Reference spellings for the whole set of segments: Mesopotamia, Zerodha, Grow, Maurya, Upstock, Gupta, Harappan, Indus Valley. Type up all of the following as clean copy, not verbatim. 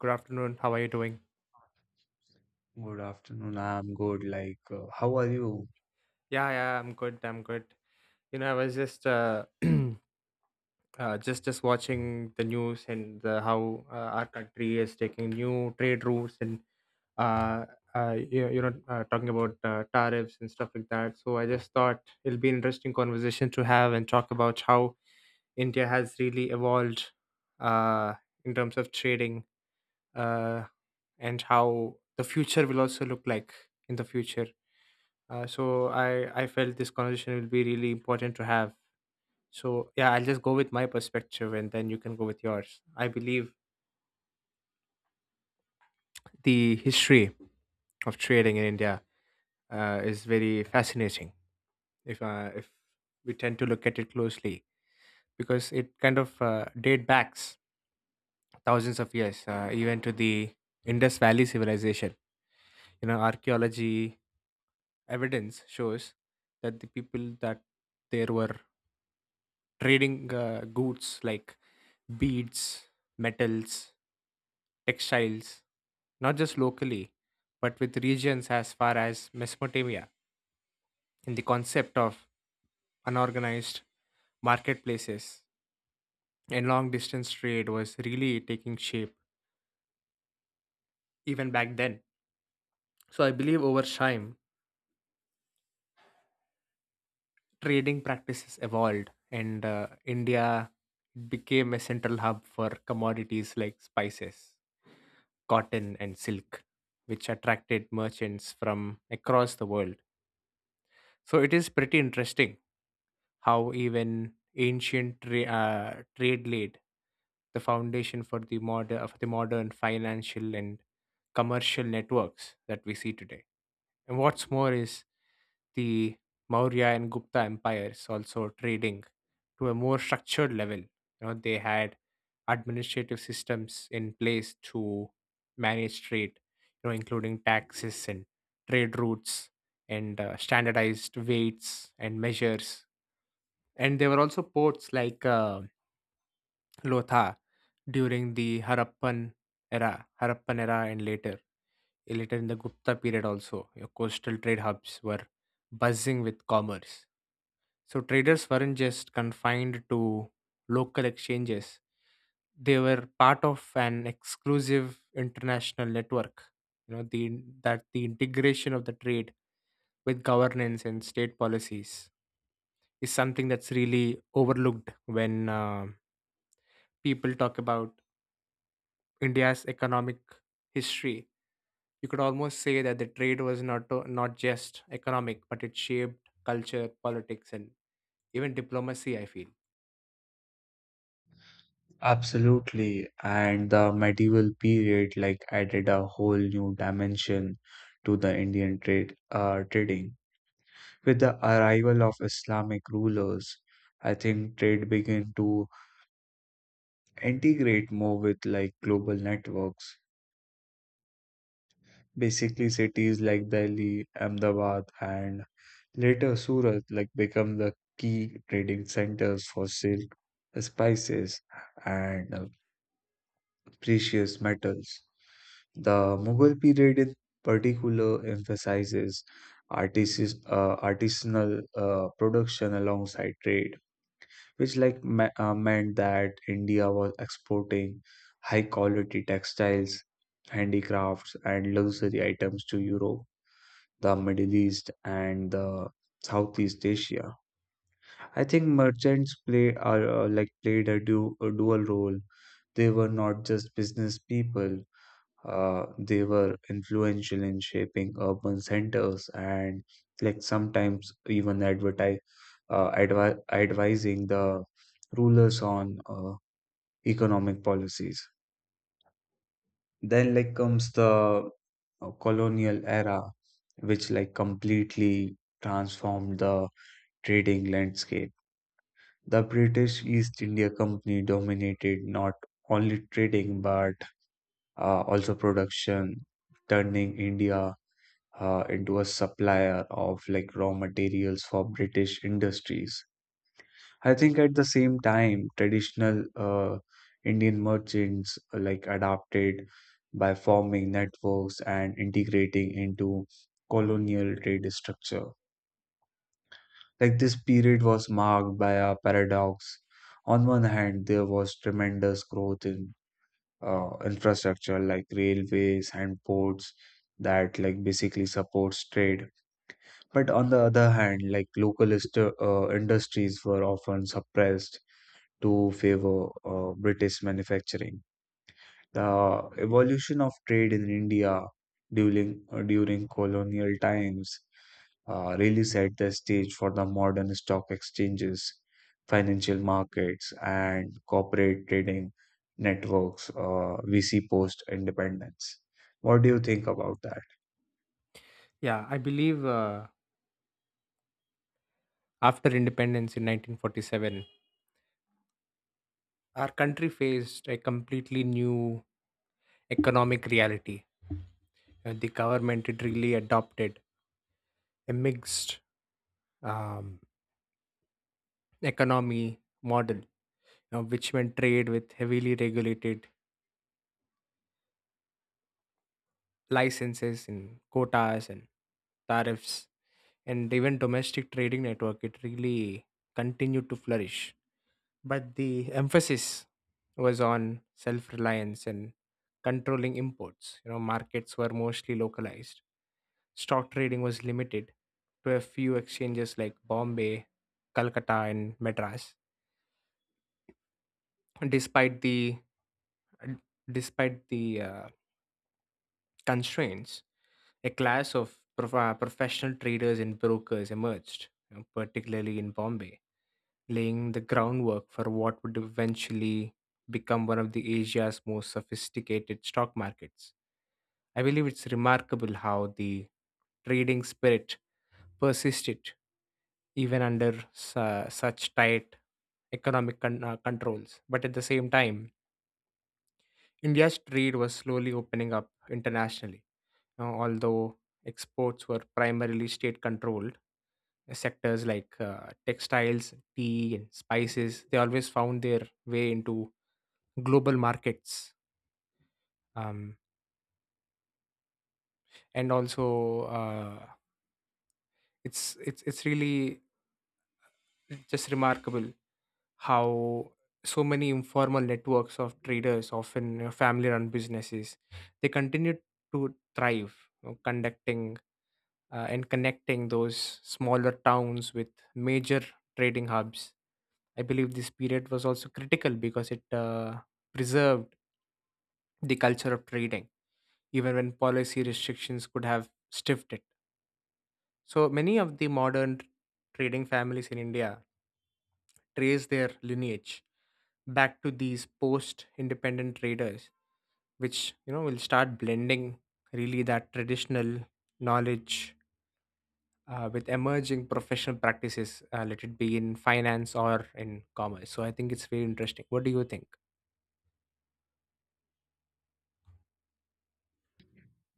Good afternoon. How are you doing? Good afternoon. I'm good. How are you? Yeah, yeah, I'm good. I'm good. You know, I was just just watching the news and the, how our country is taking new trade routes and uh, you know talking about tariffs and stuff like that. So I just thought it'll be an interesting conversation to have and talk about how India has really evolved uh in terms of trading uh and how the future will also look like in the future. So I felt this conversation will be really important to have. So yeah, I'll just go with my perspective, and then you can go with yours. I believe the history of trading in India is very fascinating. If we tend to look at it closely, because it kind of date backs thousands of years, even to the Indus Valley civilization. You know, archaeology evidence shows that there were trading goods like beads, metals, textiles, not just locally, but with regions as far as Mesopotamia, in the concept of unorganized marketplaces and long distance trade was really taking shape even back then. So I believe over time, trading practices evolved, and India became a central hub for commodities like spices, cotton, and silk, which attracted merchants from across the world. So it is pretty interesting how even trade laid the foundation for the modern financial and commercial networks that we see today. And what's more is the Maurya and Gupta empires also trading to a more structured level. You know, they had administrative systems in place to manage trade, you know, including taxes and trade routes and standardized weights and measures and there were also ports like Lotha during the Harappan era, and later in the Gupta period also. Your coastal trade hubs were buzzing with commerce. So traders weren't just confined to local exchanges; they were part of an exclusive international network. You know the the integration of the trade with governance and state policies is something that's really overlooked when people talk about India's economic history. You could almost say that the trade was not just economic, but it shaped culture, politics, and even diplomacy, I feel. Absolutely. And the medieval period, like, added a whole new dimension to the Indian trading. With the arrival of Islamic rulers, I think trade began to integrate more with like global networks. Basically, cities like Delhi, Ahmedabad, and later Surat like become the key trading centers for silk, spices, and precious metals. The Mughal period in particular emphasizes artisis artisanal production alongside trade, which like meant that India was exporting high quality textiles, handicrafts, and luxury items to Europe, the Middle East, and the Southeast Asia. I think merchants play like played a dual role. They were not just business people, they were influential in shaping urban centers and like sometimes even advertise advi advising the rulers on economic policies. Then like comes the colonial era, which like completely transformed the trading landscape. The British East India Company dominated not only trading but also production, turning India into a supplier of like raw materials for British industries. I think at the same time, traditional Indian merchants like adapted by forming networks and integrating into colonial trade structure. Like this period was marked by a paradox. On one hand, there was tremendous growth in infrastructure like railways and ports that like basically supports trade. But on the other hand, like local industries were often suppressed to favor British manufacturing. The evolution of trade in India during colonial times really set the stage for the modern stock exchanges, financial markets, and corporate trading networks we see post independence. What do you think about that? Yeah, I believe after independence in 1947, our country faced a completely new economic reality. The government had really adopted a mixed um, economy model which meant trade with heavily regulated licenses and quotas and tariffs, and even domestic trading network, it really continued to flourish, but the emphasis was on self reliance and controlling imports. You know, markets were mostly localized, stock trading was limited to a few exchanges like Bombay, Calcutta, and Madras. Despite the despite the uh, constraints, a class of professional traders and brokers emerged, you know, particularly in Bombay, laying the groundwork for what would eventually become one of the Asia's most sophisticated stock markets. I believe it's remarkable how the trading spirit persisted even under such tight controls. But at the same time, India's trade was slowly opening up internationally, although exports were primarily state controlled. Sectors like textiles, tea, and spices, they always found their way into global markets. Um, and also, it's really just remarkable how so many informal networks of traders, often family run businesses, they continued to thrive, you know, conducting and connecting those smaller towns with major trading hubs. I believe this period was also critical because it preserved the culture of trading, even when policy restrictions could have stiffed it. So many of the modern trading families in India trace their lineage back to these post independent traders, which you know will start blending really that traditional knowledge with emerging professional practices, let it be in finance or in commerce. So I think it's very interesting. What do you think?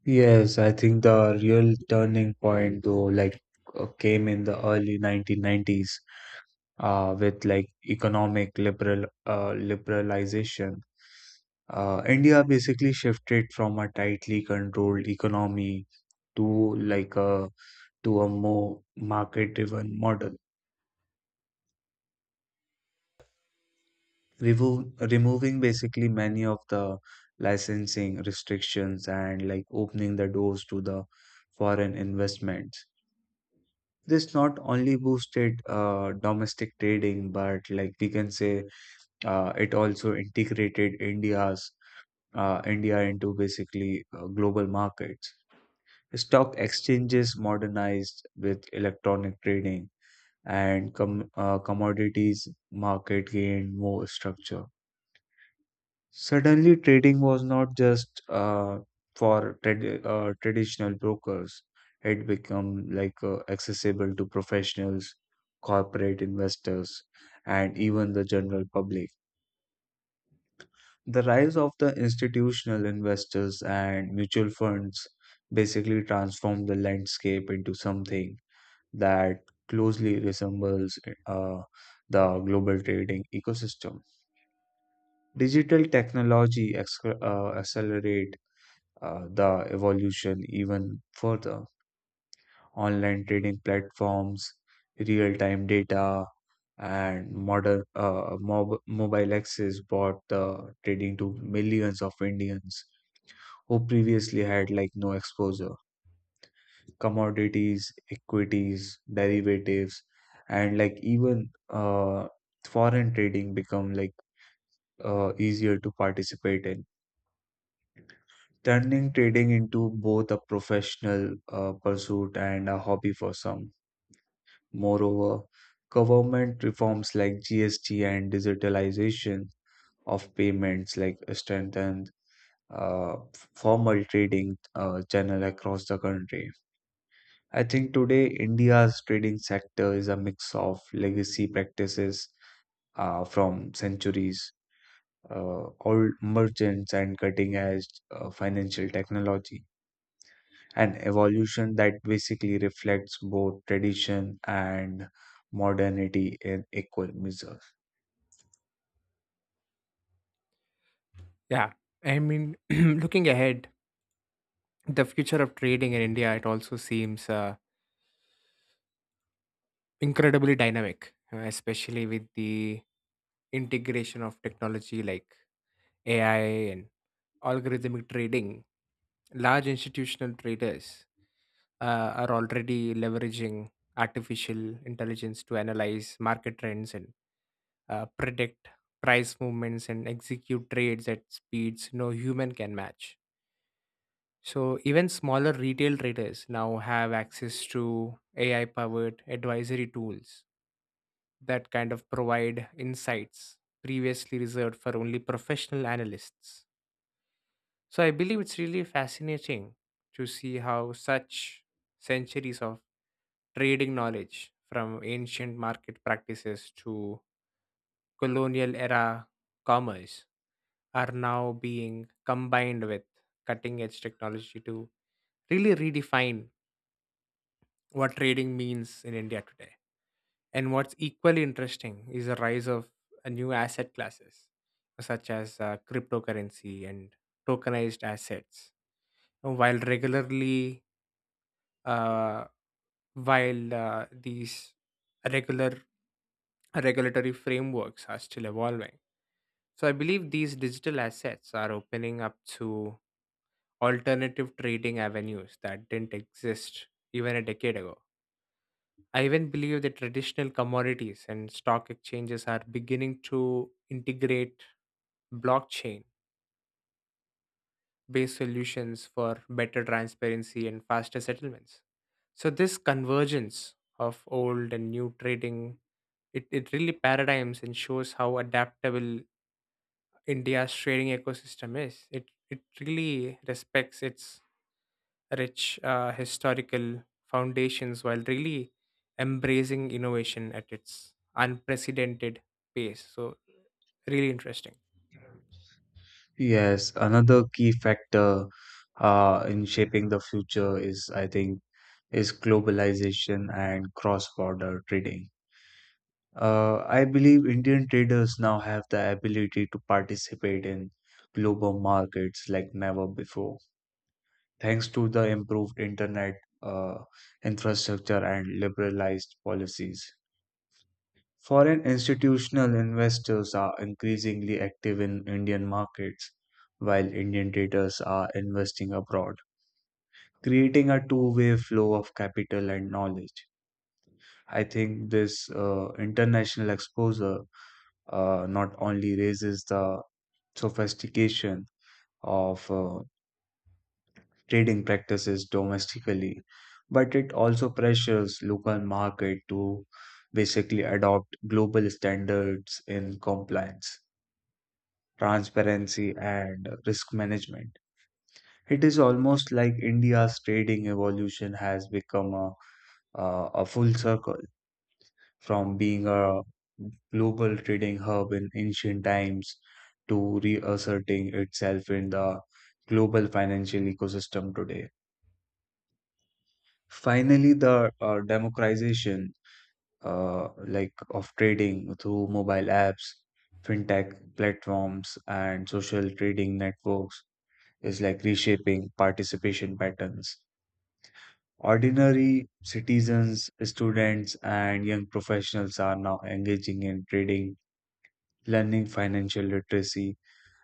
Yes, I think the real turning point though, came in the early 1990s uh, with like economic liberalization. India basically shifted from a tightly controlled economy to like a to a more market-driven model. Removing basically many of the licensing restrictions and like opening the doors to the foreign investment. This not only boosted domestic trading, but like we can say, it also integrated India into basically global markets. Stock exchanges modernized with electronic trading, and commodities market gained more structure. Suddenly, trading was not just uh, for traditional brokers. It became like accessible to professionals, corporate investors, and even the general public. The rise of the institutional investors and mutual funds basically transformed the landscape into something that closely resembles uh, the global trading ecosystem. Digital technology ex accelerate the evolution even further. Online trading platforms, real time data, and modern mobile access brought the trading to millions of Indians who previously had like no exposure. Commodities, equities, derivatives, and like even foreign trading become like easier to participate in, turning trading into both a professional pursuit and a hobby for some. Moreover, government reforms like GST and digitalization of payments like strengthened uh, formal trading channel across the country. I think today India's trading sector is a mix of legacy practices from centuries, old merchants, and cutting edge financial technology, an evolution that basically reflects both tradition and modernity in equal measure. Yeah, I mean, looking ahead, the future of trading in India, it also seems incredibly dynamic, especially with the integration of technology like AI and algorithmic trading. Large institutional traders are already leveraging artificial intelligence to analyze market trends and predict price movements and execute trades at speeds no human can match. So even smaller retail traders now have access to AI powered advisory tools that kind of provide insights previously reserved for only professional analysts. So I believe it's really fascinating to see how such centuries of trading knowledge, from ancient market practices to colonial era commerce, are now being combined with cutting edge technology to really redefine what trading means in India today. And what's equally interesting is the rise of new asset classes, such as cryptocurrency and tokenized assets. And While regularly, uh, while these regular regulatory frameworks are still evolving. So I believe these digital assets are opening up to alternative trading avenues that didn't exist even a decade ago. I even believe that traditional commodities and stock exchanges are beginning to integrate blockchain based solutions for better transparency and faster settlements. So, this convergence of old and new trading, it really paradigms and shows how adaptable India's trading ecosystem is. It really respects its rich historical foundations while really embracing innovation at its unprecedented pace. So, really interesting. Yes, another key factor in shaping the future is, I think, is globalization and cross-border trading. I believe Indian traders now have the ability to participate in global markets like never before, thanks to the improved internet uh, infrastructure and liberalized policies. Foreign institutional investors are increasingly active in Indian markets, while Indian traders are investing abroad, creating a two-way flow of capital and knowledge. I think this international exposure not only raises the sophistication of trading practices domestically, but it also pressures local market to basically adopt global standards in compliance, transparency, and risk management. It is almost like India's trading evolution has become a full circle, from being a global trading hub in ancient times to reasserting itself in the global financial ecosystem today. Finally, the democratization like of trading through mobile apps, fintech platforms, and social trading networks is like reshaping participation patterns. Ordinary citizens, students, and young professionals are now engaging in trading, learning financial literacy,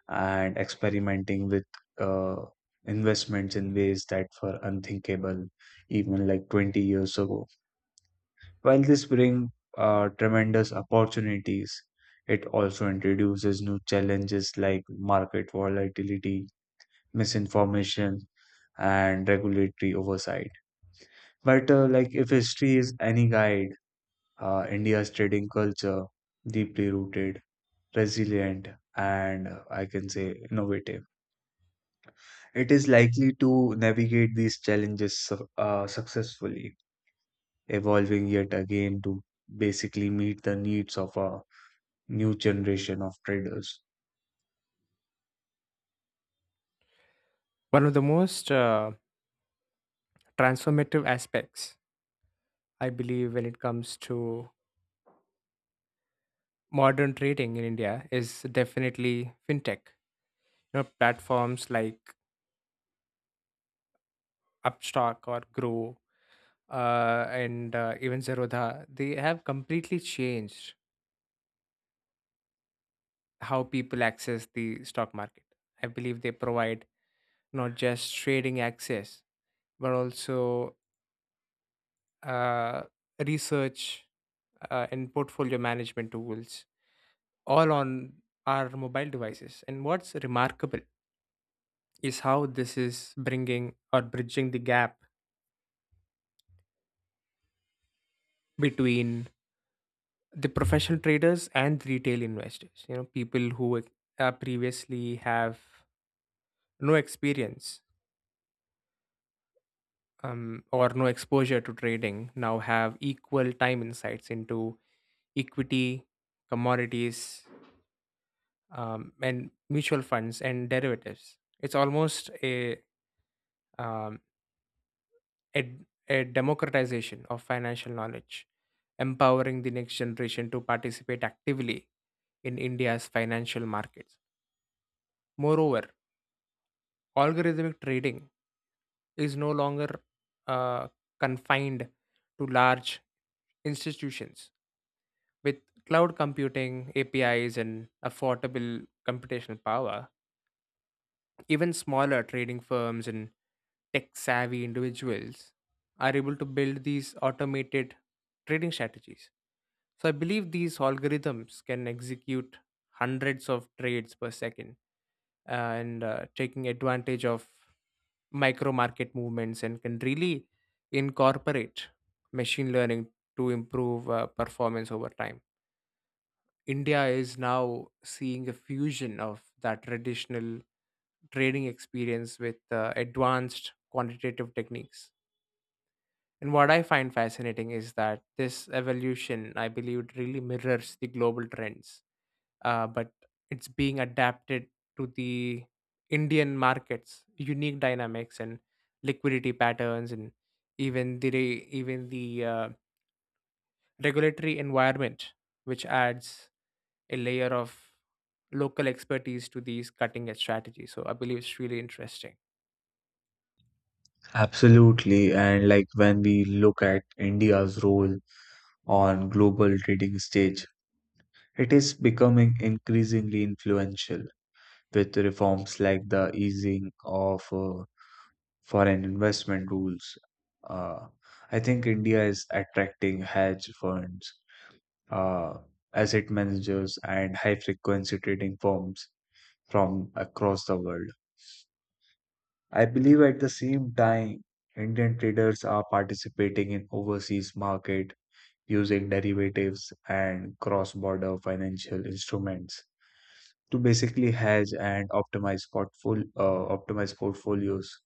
and experimenting with uh, investments in ways that were unthinkable even like 20 years ago. While this brings tremendous opportunities, it also introduces new challenges like market volatility, misinformation, and regulatory oversight. But like if history is any guide, India's trading culture, deeply rooted, resilient, and I can say innovative. It is likely to navigate these challenges successfully, evolving yet again to basically meet the needs of a new generation of traders. One of the most transformative aspects, I believe, when it comes to modern trading in India is definitely fintech. You know, platforms like Upstock or Grow and even Zerodha, they have completely changed how people access the stock market. I believe they provide not just trading access, but also uh, research and portfolio management tools, all on our mobile devices. And what's remarkable is how this is bringing or bridging the gap between the professional traders and retail investors. You know, people who previously have no experience or no exposure to trading now have equal time insights into equity, commodities, and mutual funds and derivatives. It's almost a, um, a a democratization of financial knowledge, empowering the next generation to participate actively in India's financial markets. Moreover, algorithmic trading is no longer uh, confined to large institutions. With cloud computing, APIs, and affordable computational power, even smaller trading firms and tech savvy individuals are able to build these automated trading strategies. So I believe these algorithms can execute hundreds of trades per second, and taking advantage of micro market movements, and can really incorporate machine learning to improve performance over time. India is now seeing a fusion of that traditional trading experience with advanced quantitative techniques. And what I find fascinating is that this evolution, I believe, it really mirrors the global trends, but it's being adapted to the Indian markets, unique dynamics and liquidity patterns, and even the regulatory environment, which adds a layer of local expertise to these cutting edge strategies. So I believe it's really interesting. Absolutely, and like when we look at India's role on global trading stage, it is becoming increasingly influential with reforms like the easing of foreign investment rules. Uh, I think India is attracting hedge funds, uh, asset managers, and high frequency trading firms from across the world. I believe at the same time, Indian traders are participating in overseas market using derivatives and cross border financial instruments to basically hedge and optimize portfolio optimize portfolios.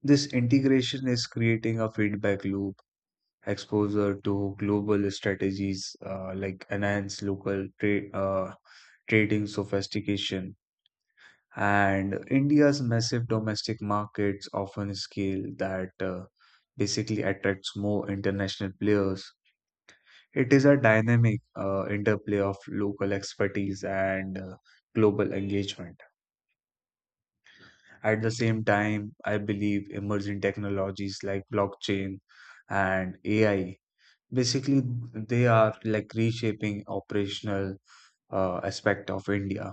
This integration is creating a feedback loop. Exposure to global strategies like enhance local trade trading sophistication, and India's massive domestic markets often scale that basically attracts more international players. It is a dynamic interplay of local expertise and global engagement. At the same time, I believe emerging technologies like blockchain and AI basically they are like reshaping operational aspect of India.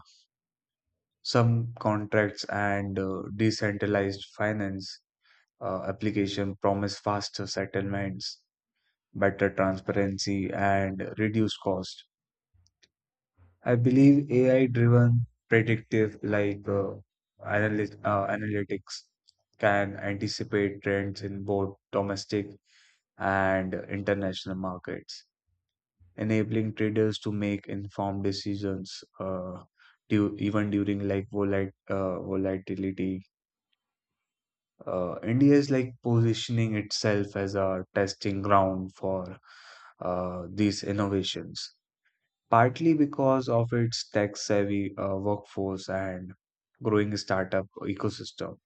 Some contracts and decentralized finance application promise faster settlements, better transparency, and reduced cost. I believe AI-driven predictive like analytics can anticipate trends in both domestic and international markets, enabling traders to make informed decisions even during like volatility. India is like positioning itself as a testing ground for these innovations, partly because of its tech-savvy workforce and growing startup ecosystem.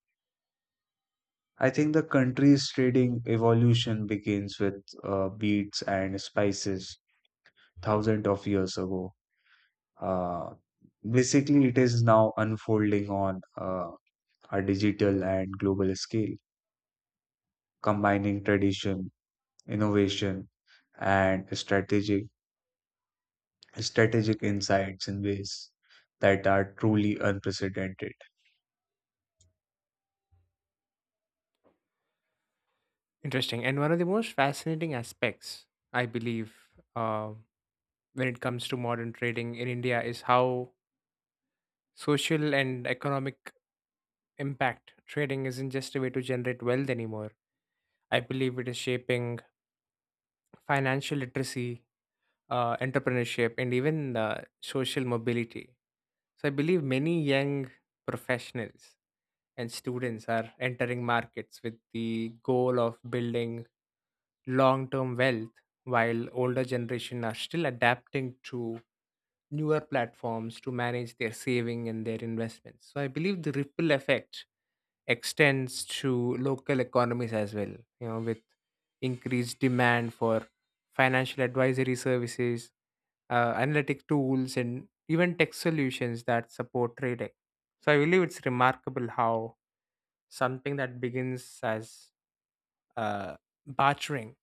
I think the country's trading evolution begins with beets and spices thousands of years ago. Uh, Basically, it is now unfolding on a digital and global scale, combining tradition, innovation, and strategic insights in ways that are truly unprecedented. Interesting. And one of the most fascinating aspects, I believe, uh, when it comes to modern trading in India is how social and economic impact trading isn't just a way to generate wealth anymore. I believe it is shaping financial literacy, entrepreneurship, and even social mobility. So I believe many young professionals and students are entering markets with the goal of building long-term wealth, while older generation are still adapting to newer platforms to manage their saving and their investments. So I believe the ripple effect extends to local economies as well, you know, with increased demand for financial advisory services, analytic tools, and even tech solutions that support trading. So I believe it's remarkable how something that begins as uh, bartering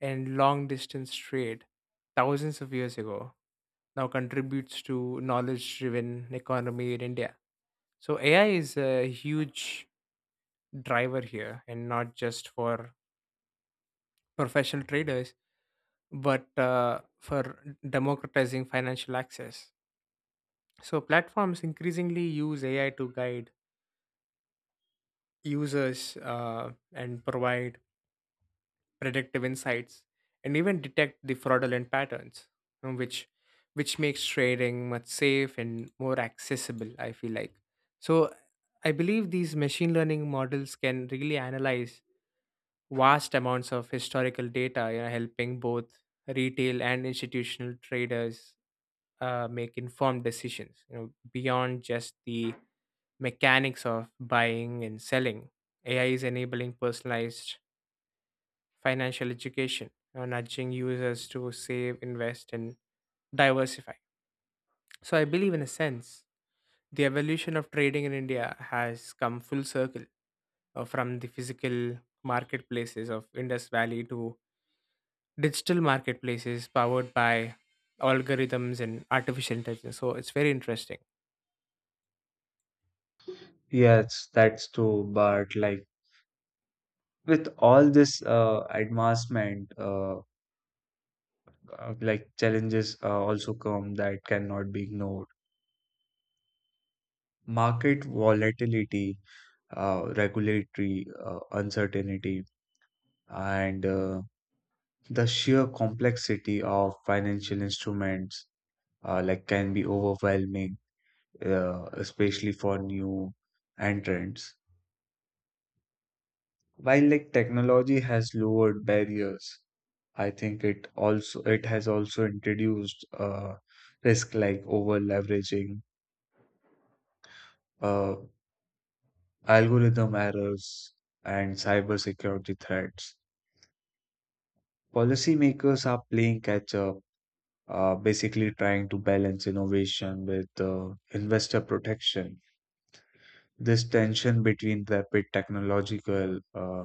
and long distance trade thousands of years ago now contributes to knowledge driven economy in India. So AI is a huge driver here, and not just for professional traders, but for democratizing financial access. So platforms increasingly use AI to guide users and provide predictive insights and even detect the fraudulent patterns, uh, which which makes trading much safe and more accessible, I feel like. So I believe these machine learning models can really analyze vast amounts of historical data, you know, helping both retail and institutional traders make informed decisions. You know, beyond just the mechanics of buying and selling, AI is enabling personalized financial education, you know, nudging users to save, invest, and diversify. So I believe, in a sense, the evolution of trading in India has come full circle, from the physical marketplaces of Indus Valley to digital marketplaces powered by algorithms and artificial intelligence. So it's very interesting. Yes, that's true. But like with all this uh, advancement, like challenges also come that cannot be ignored. Market volatility, regulatory uncertainty, and the sheer complexity of financial instruments like can be overwhelming, especially for new entrants. While like technology has lowered barriers, I think it has also introduced risk like over leveraging, uh, algorithm errors, and cybersecurity threats. Policymakers are playing catch up, basically trying to balance innovation with investor protection. This tension between rapid technological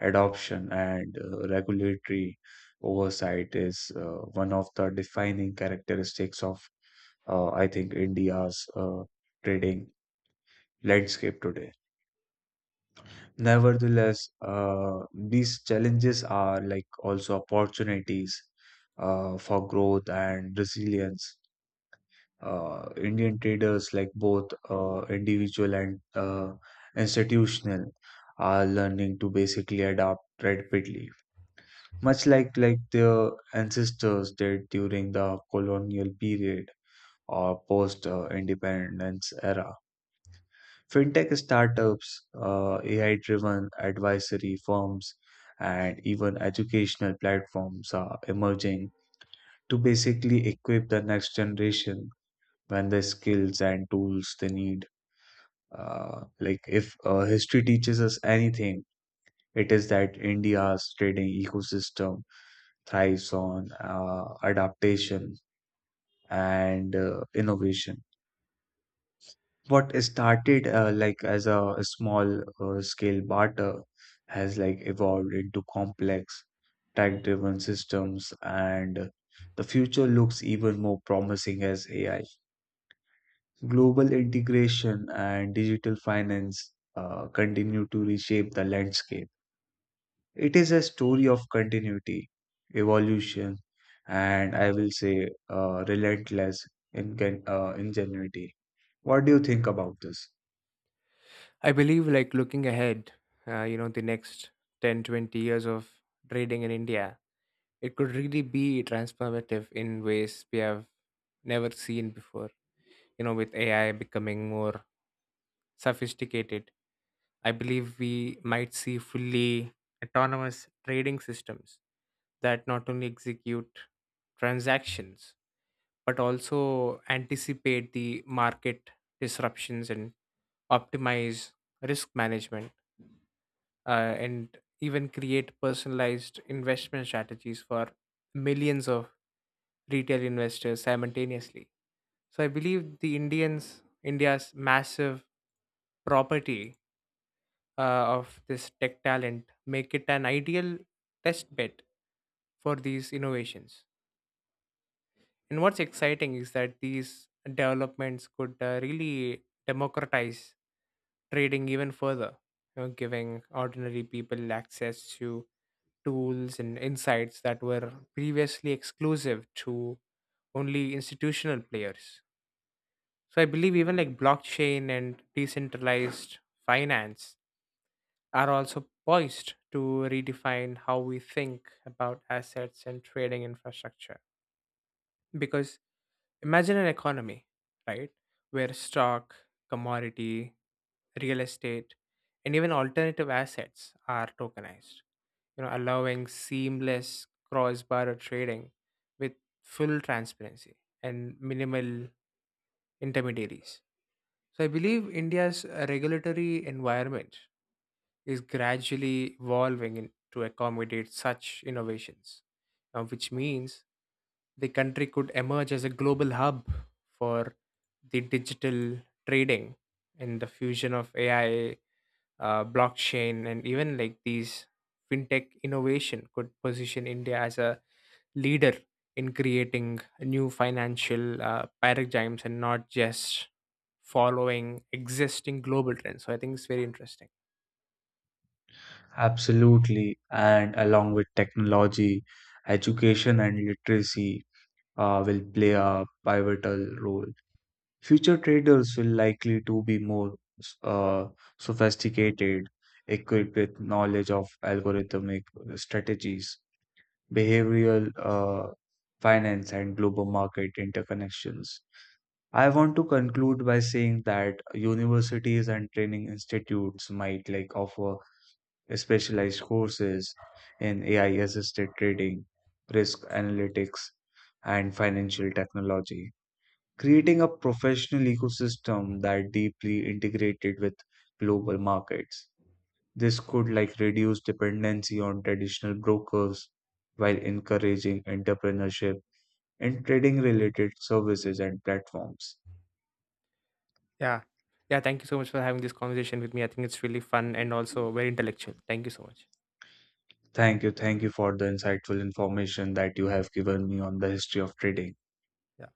adoption and regulatory oversight is one of the defining characteristics of, I think, India's trading landscape today. Nevertheless, these challenges are like also opportunities for growth and resilience. Indian traders, like both individual and institutional, are learning to basically adapt rapidly, much like their ancestors did during the colonial period or post independence era. Fintech startups, AI-driven advisory firms, and even educational platforms are emerging to basically equip the next generation when the skills and tools they need. If history teaches us anything, it is that India's trading ecosystem thrives on adaptation and innovation. What started as a, small scale barter has like evolved into complex tech-driven systems, and the future looks even more promising as AI, global integration, and digital finance continue to reshape the landscape. It is a story of continuity, evolution, and I will say relentless ingenuity. What do you think about this? I believe, like, looking ahead, you know, the next 10, 20 years of trading in India, it could really be transformative in ways we have never seen before. You know, with AI becoming more sophisticated, I believe we might see fully autonomous trading systems that not only execute transactions but also anticipate the market disruptions and optimize risk management and even create personalized investment strategies for millions of retail investors simultaneously. So I believe the Indians India's massive property uh, of this tech talent make it an ideal test bed for these innovations. And what's exciting is that these developments could really democratize trading even further, you know, giving ordinary people access to tools and insights that were previously exclusive to only institutional players. So I believe even like blockchain and decentralized finance are also poised to redefine how we think about assets and trading infrastructure, because imagine an economy, right, where stock, commodity, real estate, and even alternative assets are tokenized, you know, allowing seamless cross-border trading with full transparency and minimal intermediaries. So I believe India's regulatory environment is gradually evolving to accommodate such innovations, which means the country could emerge as a global hub for the digital trading, and the fusion of AI, blockchain, and even like these fintech innovation could position India as a leader in creating new financial paradigms and not just following existing global trends. So I think it's very interesting. Absolutely, and along with technology, education and literacy will play a pivotal role. Future traders will likely to be more uh, sophisticated, equipped with knowledge of algorithmic strategies, behavioral finance and global market interconnections. I want to conclude by saying that universities and training institutes might like offer specialized courses in AI assisted trading, risk analytics, and financial technology, creating a professional ecosystem that deeply integrated with global markets. This could like reduce dependency on traditional brokers while encouraging entrepreneurship in trading related services and platforms. Yeah. Yeah. Thank you so much for having this conversation with me. I think it's really fun and also very intellectual. Thank you so much. Thank you. Thank you for the insightful information that you have given me on the history of trading. Yeah.